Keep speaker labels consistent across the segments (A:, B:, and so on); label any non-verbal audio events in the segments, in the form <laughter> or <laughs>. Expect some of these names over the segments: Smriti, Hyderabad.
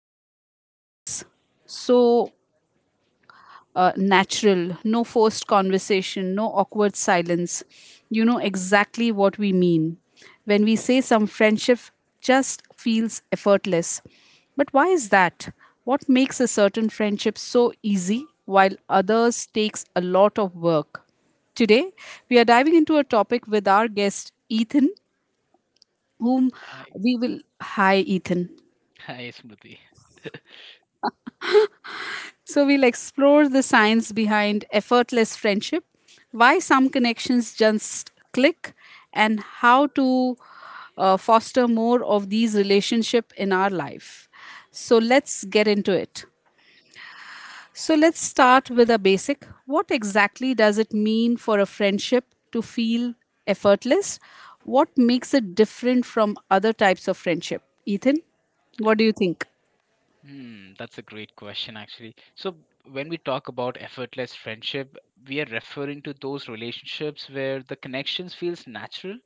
A: everything just seems so natural, no forced conversation, no awkward silence. You know exactly what we mean when we say some friendship just feels effortless. But why is that? What makes a certain friendship so easy while others takes a lot of work? Today, we are diving into a topic with our guest Ethan, whom
B: Hi,
A: we will. Hi, Ethan.
B: Smriti.
A: So we'll explore the science behind effortless friendship, why some connections just click, and how to foster more of these relationships in our life. So let's get into it. So let's start with a basic. What exactly does it mean for a friendship to feel effortless? What makes it different from other types of friendship? Ethan, what do you think?
B: That's a great question, actually. So, when we talk about effortless friendship, we are referring to those relationships where the connections feels natural,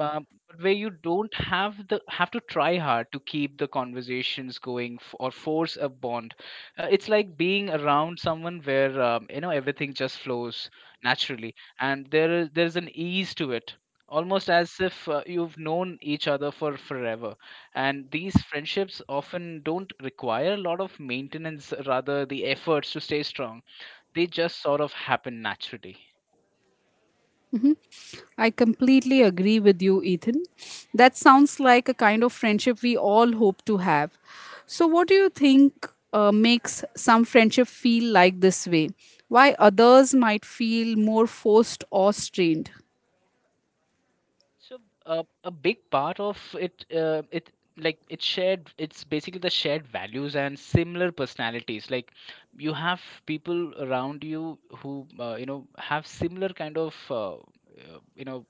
B: uh, but where you don't have to try hard to keep the conversations going or force a bond. Uh, it's like being around someone where, you know, everything just flows naturally, and there's an ease to it, almost as if you've known each other for forever. And these friendships often don't require a lot of maintenance rather the efforts to stay strong. They just sort of happen naturally.
A: I completely agree with you, Ethan. That sounds like a kind of friendship we all hope to have. So, what do you think makes some friendship feel like this way? Why others might feel more forced or strained?
B: So a big part of it, it's shared. It's basically the shared values and similar personalities. Like you have people around you who, you know, have similar kind of, you know,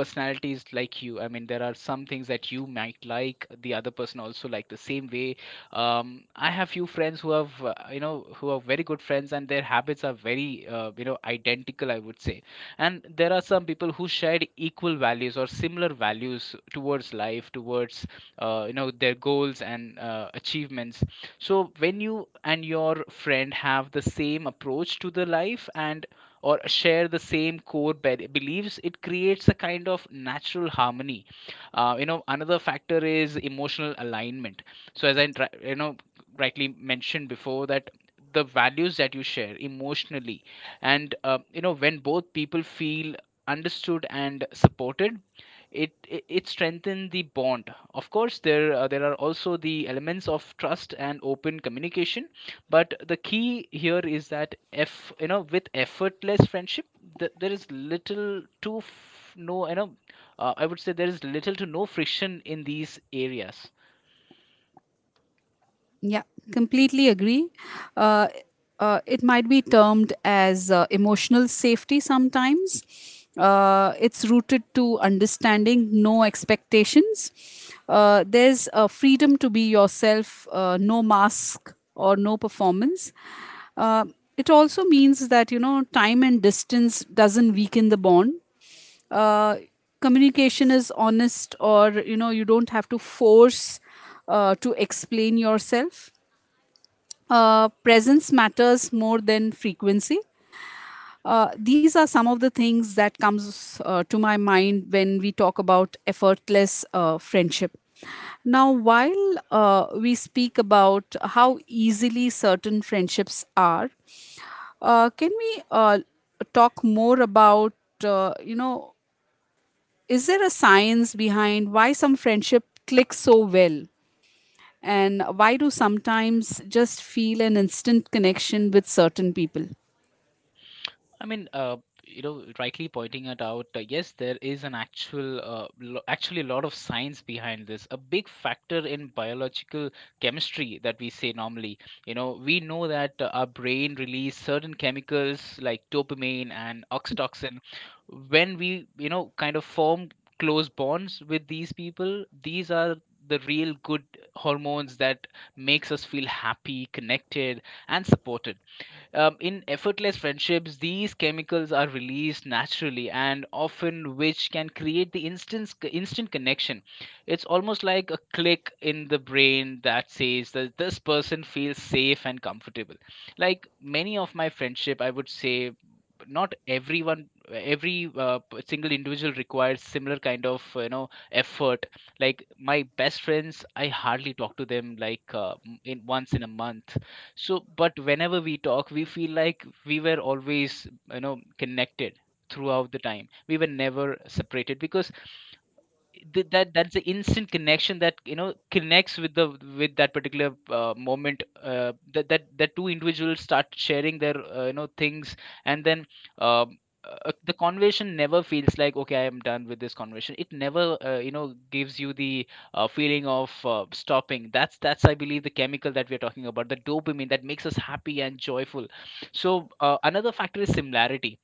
B: personalities like you. I mean, there are some things that you might like, the other person also like the same way. I have few friends who have, you know, who are very good friends, and their habits are very, you know, identical, I would say. And there are some people who shared equal values or similar values towards life, towards, you know, their goals and achievements. So when you and your friend have the same approach to the life, and or share the same core beliefs, it creates a kind of natural harmony. You know, another factor is emotional alignment. So, as I you know, rightly mentioned before, that the values that you share emotionally, and, you know, when both people feel understood and supported, it strengthens the bond. Of course, there are also the elements of trust and open communication, but the key here is that, if you know, with effortless friendship, there is little to no, you know, I would say, there is little to no friction in these areas.
A: Yeah, completely agree. Uh, it might be termed as emotional safety sometimes. It's rooted to understanding no expectations. There's a freedom to be yourself, no mask or no performance. Uh, it also means that, you know, time and distance doesn't weaken the bond. uh, Communication is honest, or, you know, you don't have to force to explain yourself. Presence matters more than frequency. These are some of the things that comes to my mind when we talk about effortless friendship. Now, while we speak about how easily certain friendships are, can we talk more about, you know, is there a science behind why some friendship clicks so well? And why do sometimes just feel an instant connection with certain people?
B: I mean, you know, rightly pointing it out. Yes, there is an actual, actually, a lot of science behind this. A big factor in biological chemistry, that we say normally. You know, we know that, our brain release certain chemicals like dopamine and oxytocin when we, you know, kind of form close bonds with these people. These are the real good hormones that makes us feel happy, connected, and supported. In effortless friendships, these chemicals are released naturally and often, which can create the instant connection. It's almost like a click in the brain that says that this person feels safe and comfortable. Like many of my friendship, I would say, not everyone, single individual requires similar kind of, you know, effort. Like my best friends, I hardly talk to them, like, in once in a month. So but whenever we talk, we feel like we were always, you know, connected throughout the time. We were never separated, because that's the instant connection that, you know, connects with the, with that particular, moment, that two individuals start sharing their, you know, things. And then, um, the conversation never feels like, okay, I am done with this conversation. It never, you know, gives you the, feeling of, stopping. That's I believe the chemical that we're talking about, the dopamine, that makes us happy and joyful. So another factor is similarity.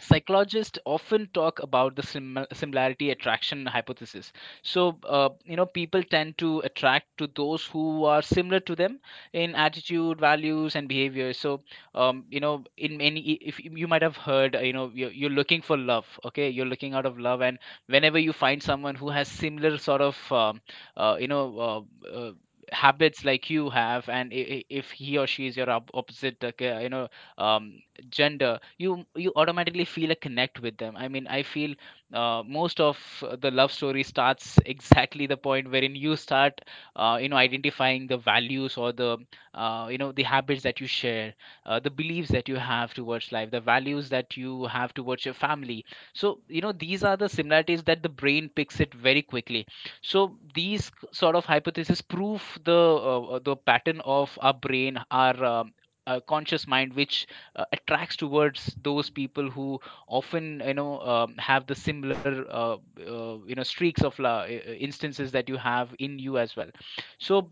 B: Psychologists often talk about the similarity attraction hypothesis. So, you know, people tend to attract to those who are similar to them in attitude, values, and behavior. So, you know, in many, if you might have heard, you know, you're looking for love, okay, you're looking out of love, and whenever you find someone who has similar sort of, you know, uh, uh, habits like you have, and if he or she is your opposite, like, you know, um, gender, you automatically feel a connect with them. I mean, I feel, most of the love story starts exactly the point wherein you start, you know, identifying the values or the, you know, the habits that you share, the beliefs that you have towards life, the values that you have towards your family. So, you know, these are the similarities that the brain picks it very quickly. So these sort of hypotheses prove the, the pattern of our brain, our, conscious mind, which, attracts towards those people who often, you know, have the similar, you know, streaks of instances that you have in you as well. So,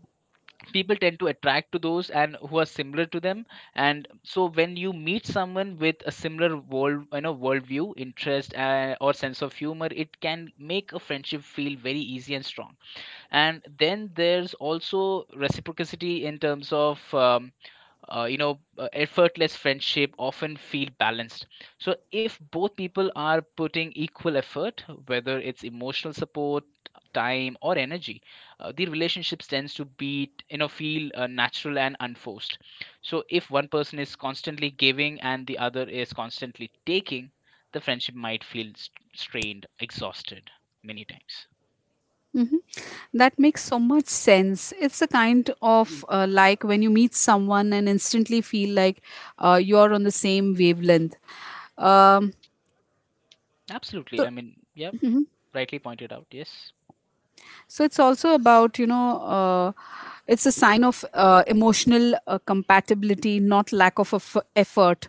B: people tend to attract to those, and who are similar to them. And so, when you meet someone with a similar world, you know, worldview, interest, or sense of humor, it can make a friendship feel very easy and strong. And then there's also reciprocity in terms of, you know, effortless friendship often feel balanced. So if both people are putting equal effort, whether it's emotional support, time, or energy, the relationships tends to be, you know, feel, natural and unforced. So if one person is constantly giving and the other is constantly taking, the friendship might feel strained, exhausted, many times.
A: Hmm. That makes so much sense. It's a kind of, like, when you meet someone and instantly feel like you're on the same wavelength. Um,
B: Absolutely, I mean, yeah, rightly pointed out, yes.
A: so it's also about, you know, it's a sign of emotional compatibility, not lack of effort.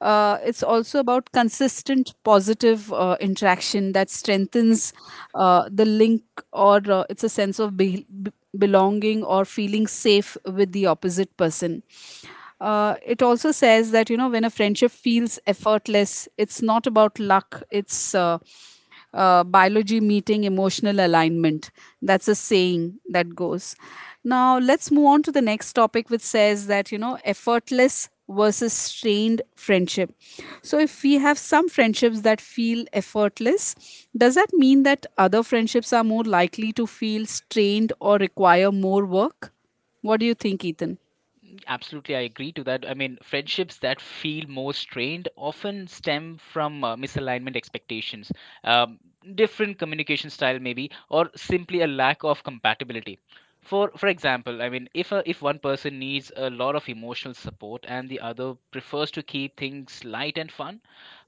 A: It's also about consistent positive interaction that strengthens the link, or it's a sense of belonging or feeling safe with the opposite person. It also says that, you know, when a friendship feels effortless it's not about luck, it's biology meeting emotional alignment. That's a saying that goes. Now, let's move on to the next topic, which says that, you know, effortless versus strained friendship. So, if we have some friendships that feel effortless, does that mean that other friendships are more likely to feel strained or require more work? What do you think, Ethan?
B: Absolutely, I agree to that. I mean, friendships that feel more strained often stem from, misalignment expectations, um, different communication style, maybe, or simply a lack of compatibility. For example, I mean, if one person needs a lot of emotional support and the other prefers to keep things light and fun,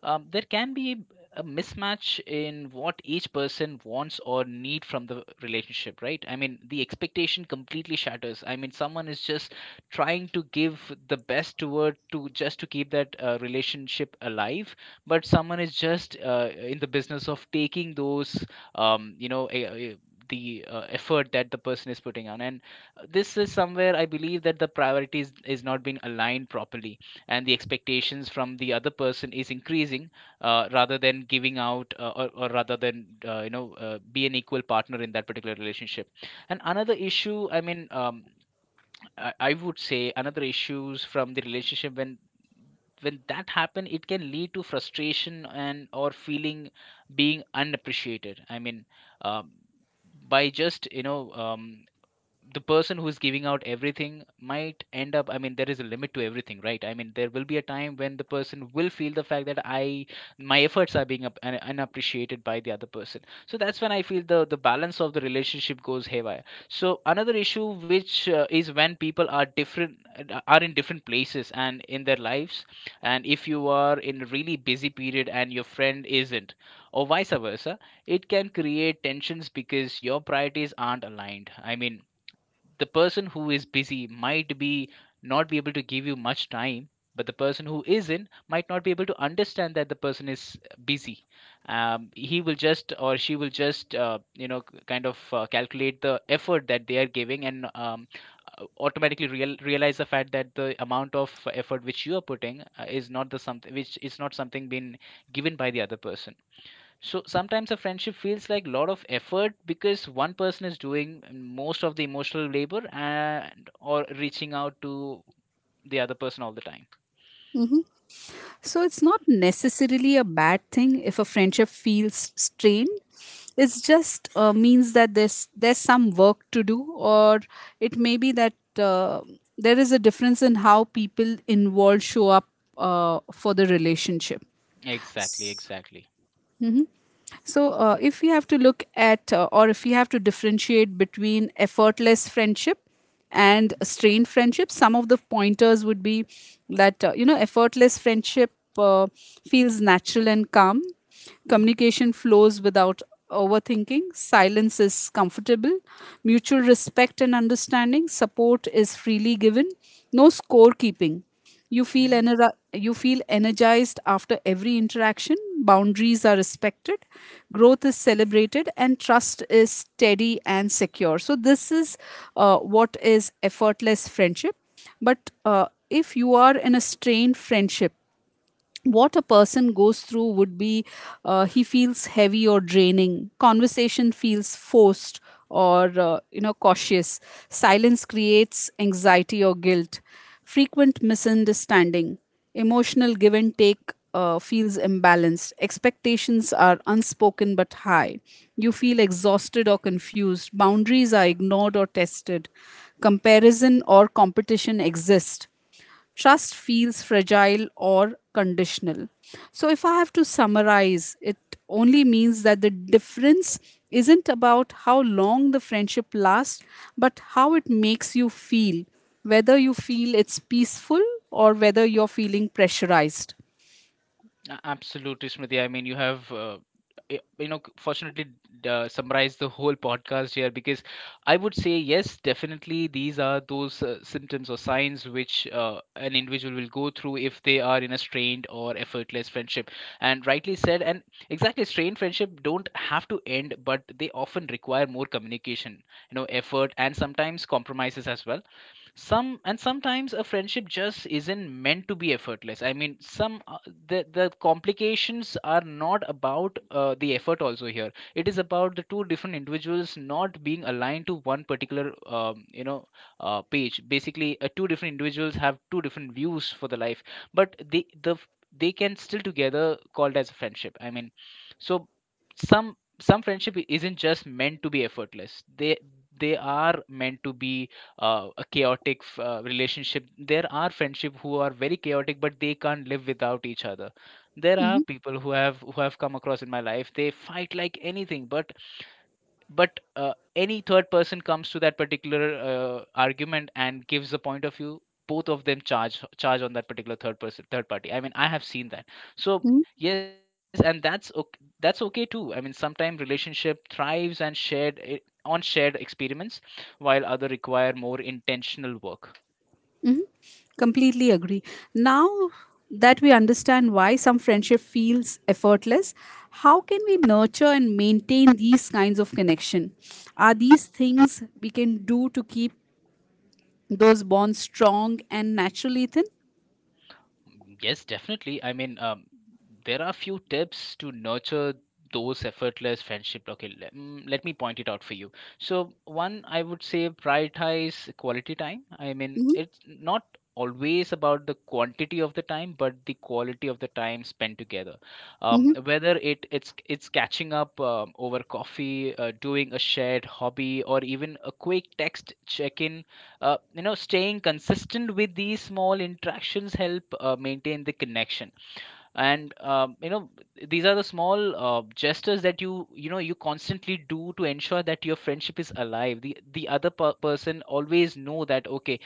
B: there can be a mismatch in what each person wants or need from the relationship, right? I mean, the expectation completely shatters. I mean, someone is just trying to give the best toward, to just to keep that, relationship alive, but someone is just, in the business of taking those, you know, the, effort that the person is putting on. And this is somewhere I believe that the priorities is not being aligned properly, and the expectations from the other person is increasing, rather than giving out, or rather than, you know, be an equal partner in that particular relationship. And another issue, I mean, I would say another issues from the relationship, when that happen, it can lead to frustration and or feeling being unappreciated. I mean, um, by just, you know, the person who's giving out everything might end up, I mean, there is a limit to everything, right? I mean, there will be a time when the person will feel the fact that I, my efforts are being unappreciated by the other person. So that's when I feel the balance of the relationship goes haywire. So another issue which, is when people are different, are in different places and in their lives. And if you are in a really busy period and your friend isn't, or vice versa, it can create tensions because your priorities aren't aligned. I mean, the person who is busy might be, not be able to give you much time, but the person who isn't might not be able to understand that the person is busy. He will just, or she will just, you know, kind of, calculate the effort that they are giving, and, automatically realize the fact that the amount of effort which you are putting, is not the something, which is not something being given by the other person. So sometimes a friendship feels like a lot of effort because one person is doing most of the emotional labor, and or reaching out to the other person all the time.
A: So it's not necessarily a bad thing if a friendship feels strained. It just means that there's some work to do, or it may be that there is a difference in how people involved show up for the relationship.
B: Exactly, exactly.
A: So, if we have to look at, or if we have to differentiate between effortless friendship and strained friendship, some of the pointers would be that, you know, effortless friendship uh, feels natural and calm,
B: Hmm.
A: communication flows without overthinking, silence is comfortable, mutual respect and understanding, support is freely given, no scorekeeping. You feel,
B: Hmm.
A: you feel energized after every interaction. Boundaries are respected, growth is celebrated, and trust is steady and secure. So, this is what is effortless friendship. But if you are in a strained friendship, what a person goes through would be, he feels heavy or draining, conversation feels forced or, you know, cautious, silence creates anxiety or guilt, frequent misunderstanding, emotional give and take feels imbalanced, expectations are unspoken but high, you feel exhausted or confused, boundaries are ignored or tested, comparison or competition exist, trust feels fragile or conditional. So, if I have to summarize, it only means that the difference isn't about how long the friendship lasts, but how it makes you feel, whether you feel it's peaceful or whether you're feeling pressurized.
B: Absolutely, Smriti. I mean, you have, you know, fortunately summarized the whole podcast here, because I would say, yes, definitely these are those, symptoms or signs which, an individual will go through if they are in a strained or effortless friendship. And rightly said, and exactly, strained friendship don't have to end, but they often require more communication, effort, and sometimes compromises as well. Some And sometimes a friendship just isn't meant to be effortless. I mean, some the complications are not about the effort. Also, here it is about the two different individuals not being aligned to one particular page. Basically, two different individuals have two different views for the life, but they can still together called as a friendship. I mean, so some friendship isn't just meant to be effortless. They are meant to be a chaotic relationship. There are friendship who are very chaotic, but they can't live without each other. There are
A: Mhm.
B: people who have come across in my life. They fight like anything, but any third person comes to that particular argument and gives a point of view. Both of them charge on that particular third party. I mean, I have seen that. So, yes, and that's okay too. I mean, sometimes relationship thrives on shared experiments, while other require more intentional work.
A: Completely agree. Now that we understand why some friendship feels effortless, how can we nurture and maintain these kinds of connection? Are these things we can do to keep those bonds strong and natural, Ethan?
B: Yes, definitely. I mean, there are a few tips to nurture those effortless friendship. Okay, let me point it out for you. So, one, I would say prioritize quality time. I mean, it's not always about the quantity of the time, but the quality of the time spent together.
A: Mm-hmm.
B: Whether it's catching up over coffee, doing a shared hobby, or even a quick text check-in. Staying consistent with these small interactions help maintain the connection. And these are the small gestures that you constantly do to ensure that your friendship is alive. The other person always know that, okay,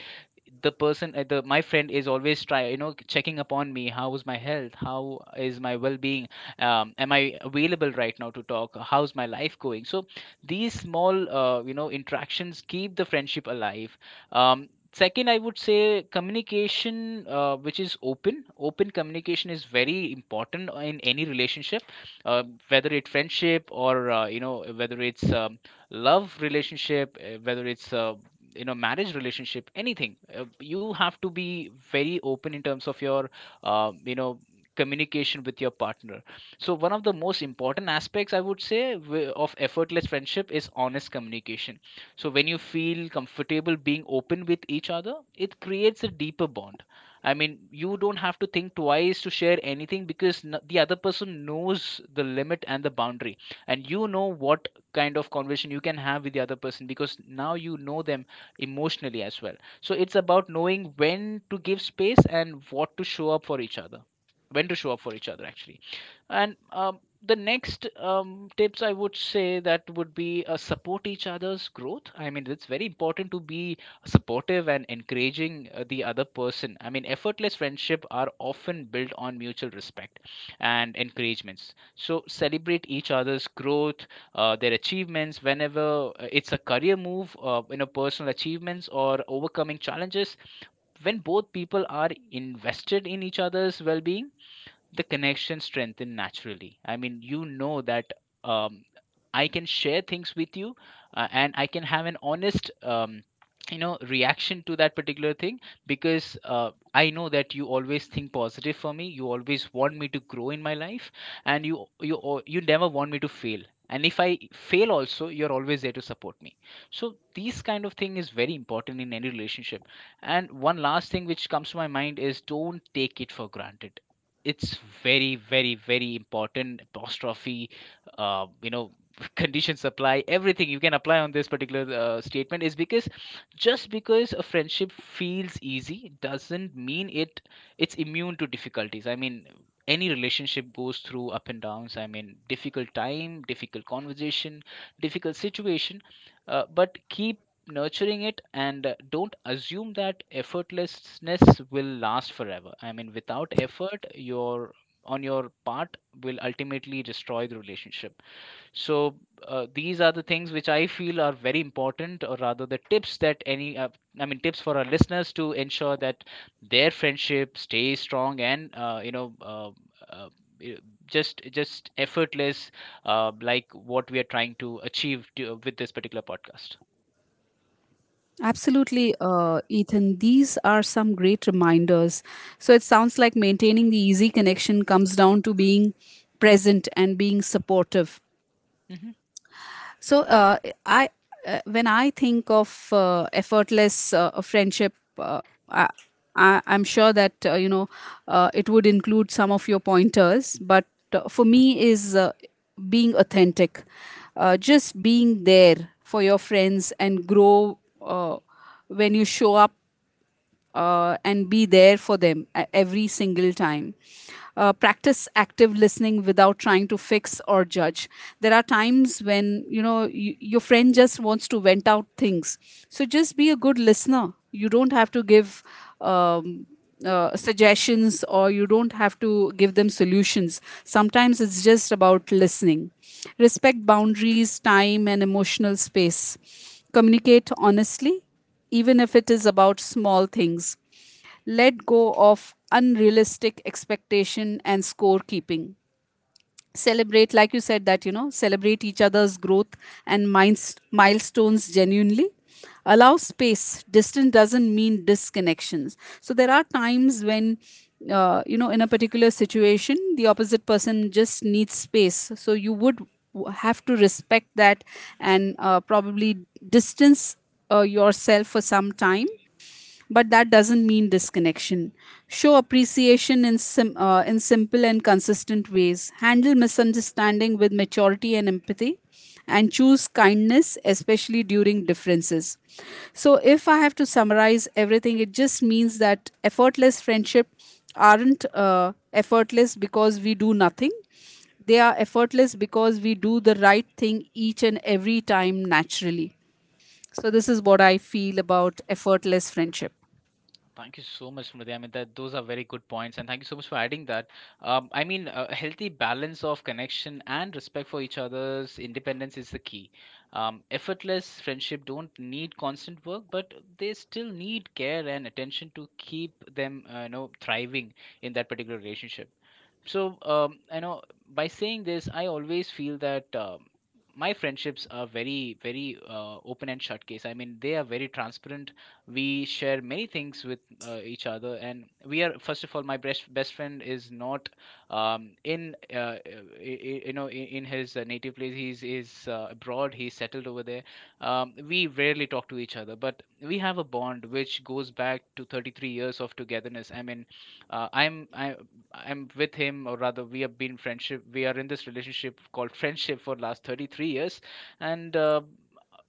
B: the my friend is always try, checking upon me. How is my health? How is my well-being? Am I available right now to talk? How's my life going? So these small interactions keep the friendship alive. Second, I would say communication, which is open communication, is very important in any relationship, uh, whether it's friendship, or whether it's love relationship, whether it's marriage relationship, anything. You have to be very open in terms of your um, you know communication with your partner. So one of the most important aspects, I would say of effortless friendship, is honest communication. So when you feel comfortable being open with each other, it creates a deeper bond. I mean, you don't have to think twice to share anything because the other person knows the limit and the boundary, and you know what kind of conversation you can have with the other person because now you know them emotionally as well. So it's about knowing when to give space and what to show up for each other. When to show up for each other, actually. And the next tips I would say that would be support each other's growth. I mean, it's very important to be supportive and encouraging the other person. I mean, effortless friendship are often built on mutual respect and encouragements, so celebrate each other's growth, their achievements, whenever it's a career move, personal achievements, or overcoming challenges. When both people are invested in each other's well-being, the connection strengthen naturally. I mean, you know that um, I can share things with you, and I can have an honest reaction to that particular thing, because I know that you always think positive for me. You always want me to grow in my life, and you never want me to fail. And if I fail also, you're always there to support me. So these kind of thing is very important in any relationship. And one last thing which comes to my mind is, don't take it for granted. It's very, very, very important apostrophe, uh, you know <laughs> condition supply everything you can apply on this particular statement is because just because a friendship feels easy, doesn't mean it's immune to difficulties. I mean, any relationship goes through up and downs. I mean, difficult time, difficult conversation, difficult situation, but keep nurturing it, and don't assume that effortlessness will last forever. I mean, without effort, your on your part will ultimately destroy the relationship. So these are the things which I feel are very important, or rather the tips that any, I mean, tips for our listeners, to ensure that their friendship stays strong and, uh, i- just effortless, like what we are trying to achieve with this particular podcast.
A: Absolutely, Ethan. These are some great reminders. So it sounds like maintaining the easy connection comes down to being present and being supportive.
B: Hmm.
A: So I when I think of effortless friendship, I'm sure that, you know, it would include some of your pointers. But for me, is being authentic, just being there for your friends and grow when you show up and be there for them every single time. Practice active listening without trying to fix or judge. There are times when, you know, your friend just wants to vent out things. So just be a good listener. You don't have to give um, suggestions, or you don't have to give them solutions. Sometimes it's just about listening. Respect boundaries, time, and emotional space. Communicate honestly, even if it is about small things. Let go of unrealistic expectation and scorekeeping, celebrate, like you said, that, you know, celebrate each other's growth and milestones genuinely, allow space, distance doesn't mean disconnections. So there are times when, you know, in a particular situation the opposite person just needs space, so you would have to respect that, and probably distance yourself for some time, but that doesn't mean disconnection. Show appreciation in, in simple and consistent ways, handle misunderstanding with maturity and empathy, and choose kindness, especially during differences. So, if I have to summarize everything, it just means that effortless friendship aren't effortless because we do nothing. They are effortless because we do the right thing each and every time naturally. So this is what I feel about effortless friendship.
B: Thank you so much, Smriti. I mean, that those are very good points, and thank you so much for adding that. I mean, a healthy balance of connection and respect for each other's independence is the key. Effortless friendship don't need constant work, but they still need care and attention to keep them, thriving in that particular relationship. So, I know by saying this, I always feel that my friendships are very, very open and shut case. I mean, they are very transparent. We share many things with each other, and we are, first of all, my best friend is not in in his native place. He's is abroad. He's settled over there. We rarely talk to each other, but we have a bond which goes back to 33 years of togetherness. I mean, uh, I'm I I'm with him, or rather, we have been friendship. We are in this relationship called <laughs> friendship for last 33 years, and uh,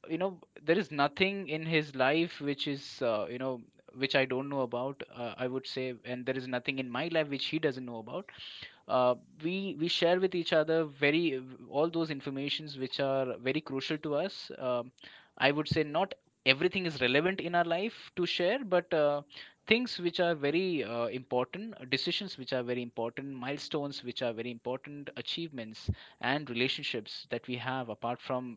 B: you know, there is nothing in his life which is which I don't know about. I would say, and there is nothing in my life which he doesn't know about. uh, we share with each other, very all those informations which are very crucial to us. I would say not everything is relevant in our life to share, but things which are very important decisions, which are very important milestones, which are very important achievements, and relationships that we have apart from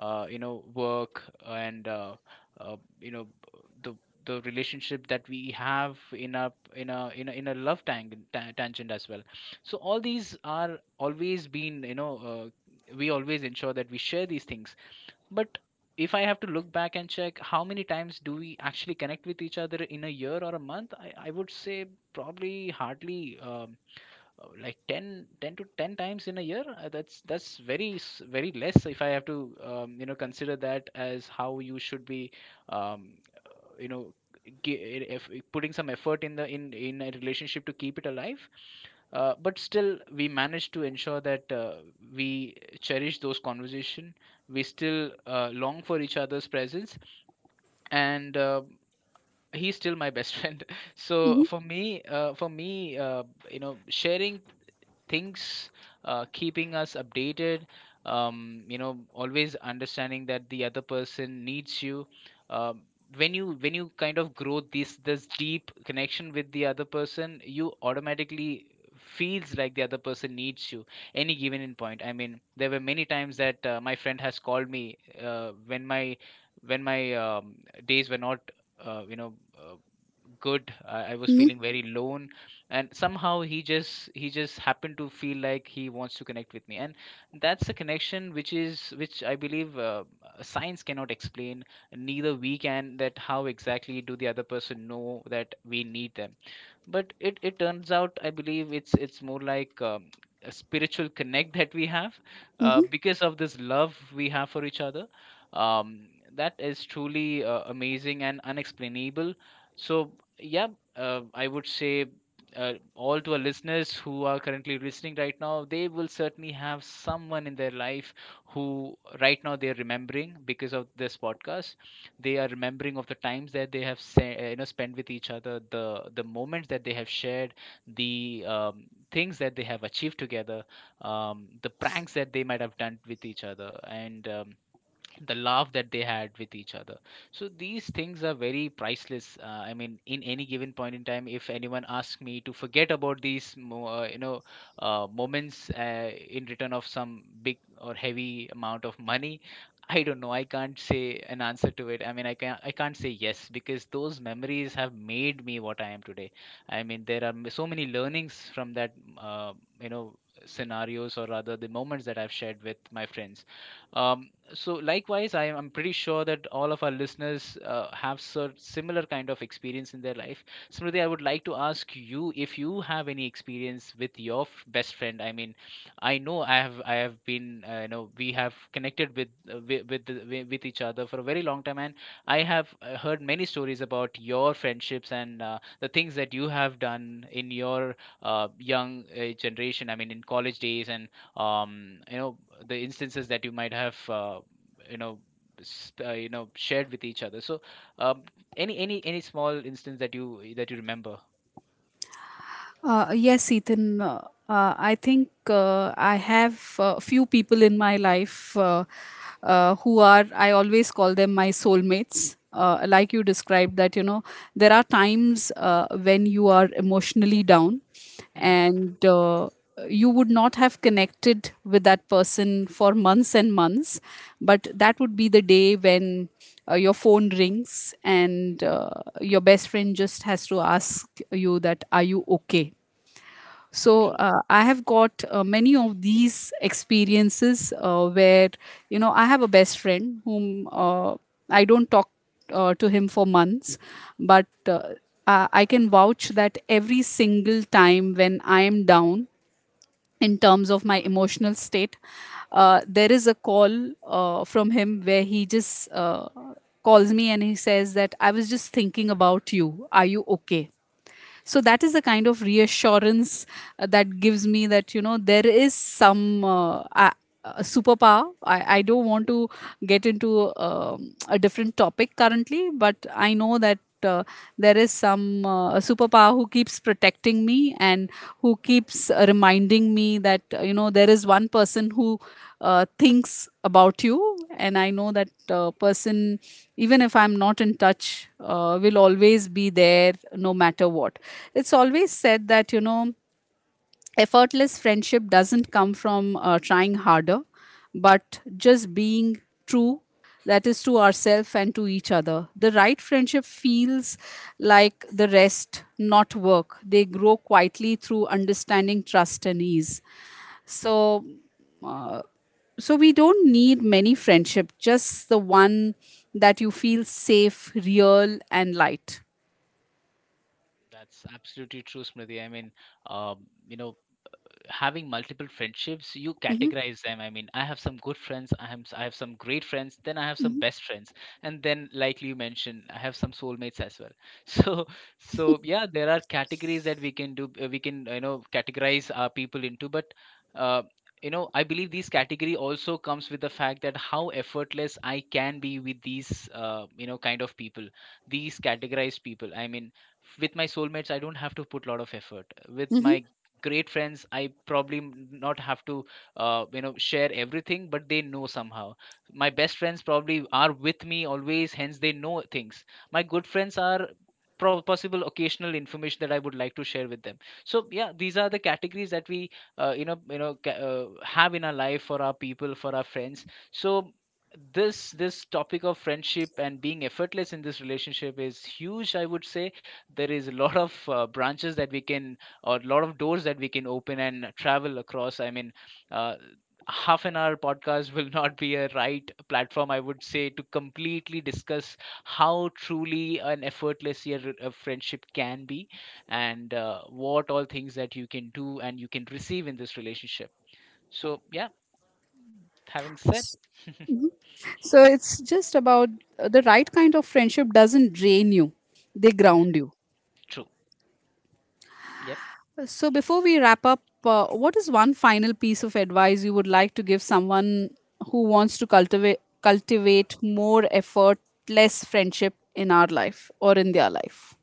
B: work, and uh, you know the the relationship that we have in a love tangent as well. So all these are always been, we always ensure that we share these things. But if I have to look back and check how many times do we actually connect with each other in a year or a month, I would say probably hardly, like 10, 10 to 10 times in a year. That's very very less, if I have to consider that as how you should be um, you know gi- if, putting some effort in the in a relationship to keep it alive. But still, we managed to ensure that we cherish those conversation. We still long for each other's presence, and he's still my best <laughs> friend. So
A: Mhm.
B: for me, you know sharing things, keeping us updated, always understanding that the other person needs you. Um, when you kind of grow this deep connection with the other person, you automatically feels like the other person needs you any given in point. I mean, there were many times that my friend has called me when my days were not uh, you know uh, good. I was feeling very lone, and somehow he just happened to feel like he wants to connect with me. And that's a connection which I believe science cannot explain, neither we can, that how exactly do the other person know that we need them. But it turns out, I believe it's more like a spiritual connect that we have, because of this love we have for each other. um, that is truly amazing and unexplainable. So, yeah, I would say, all to our listeners who are currently listening right now, they will certainly have someone in their life who right now they're remembering because of this podcast. They are remembering of the times that they have spent with each other, the moments that they have shared, the things that they have achieved together, the pranks that they might have done with each other, and the love that they had with each other. So these things are very priceless. I mean, in any given point in time, if anyone asks me to forget about these moments, in return of some big or heavy amount of money, I don't know. I can't say an answer to it. I mean, I can't say yes, because those memories have made me what I am today. I mean, there are so many learnings from that, you know, scenarios, or rather the moments that I've shared with my friends. So likewise, I am pretty sure that all of our listeners have similar kind of experience in their life. Smriti, I would like to ask you if you have any experience with your best friend. I mean, I know I have been we have connected with with each other for a very long time, and I have heard many stories about your friendships and the things that you have done in your young generation, I mean in college days, and um, you know the instances that you might have you know shared with each other. So, um, any small instance that you remember?
A: Yes, Ethan. I think I have a few people in my life, who are, I always call them my soulmates. Like you described, that, you know, there are times when you are emotionally down,
B: Hmm.
A: and you would not have connected with that person for months and months, but that would be the day when your phone rings and your best friend just has to ask you that are you okay. So
B: True.
A: I have got many of these experiences where, you know, I have a best friend whom, I don't talk to him for months, but I can vouch that every single time when I am down in terms of my emotional state, there is a call from him where he just calls me and he says that I was just thinking about you, are you okay. So that is the kind of reassurance that gives me that, you know, there is some a superpower. I don't want to get into, a different topic currently, but I know that there is some superpower who keeps protecting me and who keeps reminding me that, you know, there is one person who thinks about you, and I know that person, even if I'm not in touch, will always be there no matter what. It's always said that, you know, effortless friendship doesn't come from trying harder, but just being true, that is, to ourselves and to each other. The right friendship feels like the rest, not work. They grow quietly through understanding, trust and ease. So, uh, so we don't need many friendship, just the one that you feel safe, real, and light.
B: That's absolutely true, Smriti. I mean, um, you know having multiple friendships, you
A: Mhm,
B: categorize them. I mean, I have some good friends, I have some great friends, then I have some
A: mhm,
B: best friends, and then like you mentioned, I have some soulmates as well <laughs> so, so yeah, there are categories that we can do, we can, categorize our people into. But uh, I believe these category also comes with the fact that how effortless I can be with these kind of people, these categorized people. I mean, with my soulmates, I don't have to put a lot of effort. With my
A: mhm.
B: great friends, I not have to share everything, but they know somehow. My best friends probably are with me always, hence they know things. My good friends are possible occasional information that I would like to share with them. So yeah, these are the categories that we uh, you know you know ca- uh, have in our life, for our people, for our friends. So, this topic of friendship and being effortless in this relationship is huge, I would say. There is a lot of branches that we can, or a lot of doors that we can open and travel across. I mean, uh, half an hour podcast <laughs> will not be a right platform, I would say, to completely discuss how truly an effortless year of friendship can be, and what all things that you can do and you can receive in this relationship. So, yeah, having said, <laughs>
A: So it's just about, the right kind of friendship doesn't drain you; they
B: Mhm.
A: ground you.
B: True. Yep.
A: So before we wrap up, what is one final piece of advice you would like to give someone who wants to cultivate more effortless friendship in our life or in their life?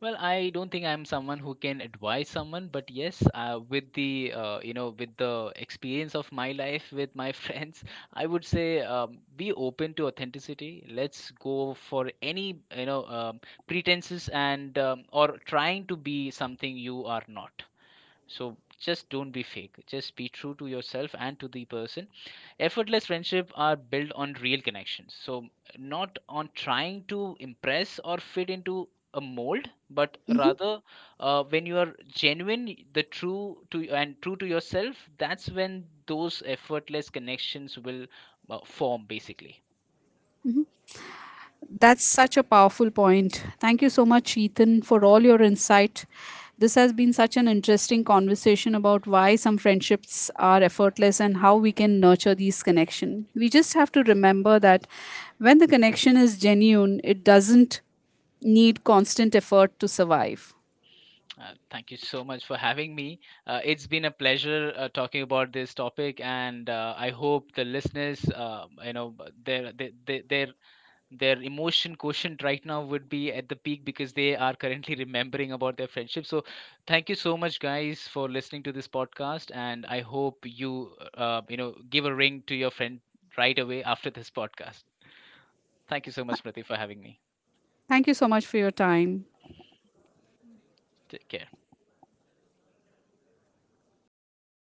B: Well, I don't think I'm someone who can advise someone, but yes, with the with the experience of my life with my <laughs> friends, I would say, be open to authenticity. Let's go for any, pretenses and or trying to be something you are not. So just don't be fake. Just be true to yourself and to the person. Effortless friendship are built on real connections, so not on trying to impress or fit into a mold, but rather when you are genuine, the true to, and true to yourself, that's when those effortless connections will form basically.
A: That's such a powerful point. Thank you so much, Ethan, for all your insight. This has been such an interesting conversation about why some friendships are effortless and how we can nurture these connections. We just have to remember that when the connection is genuine, it doesn't need constant effort to survive.
B: Uh, thank you so much for having me. It's been a pleasure talking about this topic, and I hope the listeners their their emotion quotient right now would be at the peak because they are currently <laughs> remembering about their friendship. So, thank you so much, guys, for listening to this podcast, and I hope you, give a ring to your friend right away after this podcast. Thank you so much, Smriti, for having me.
A: Thank you so much for your time.
B: Take care.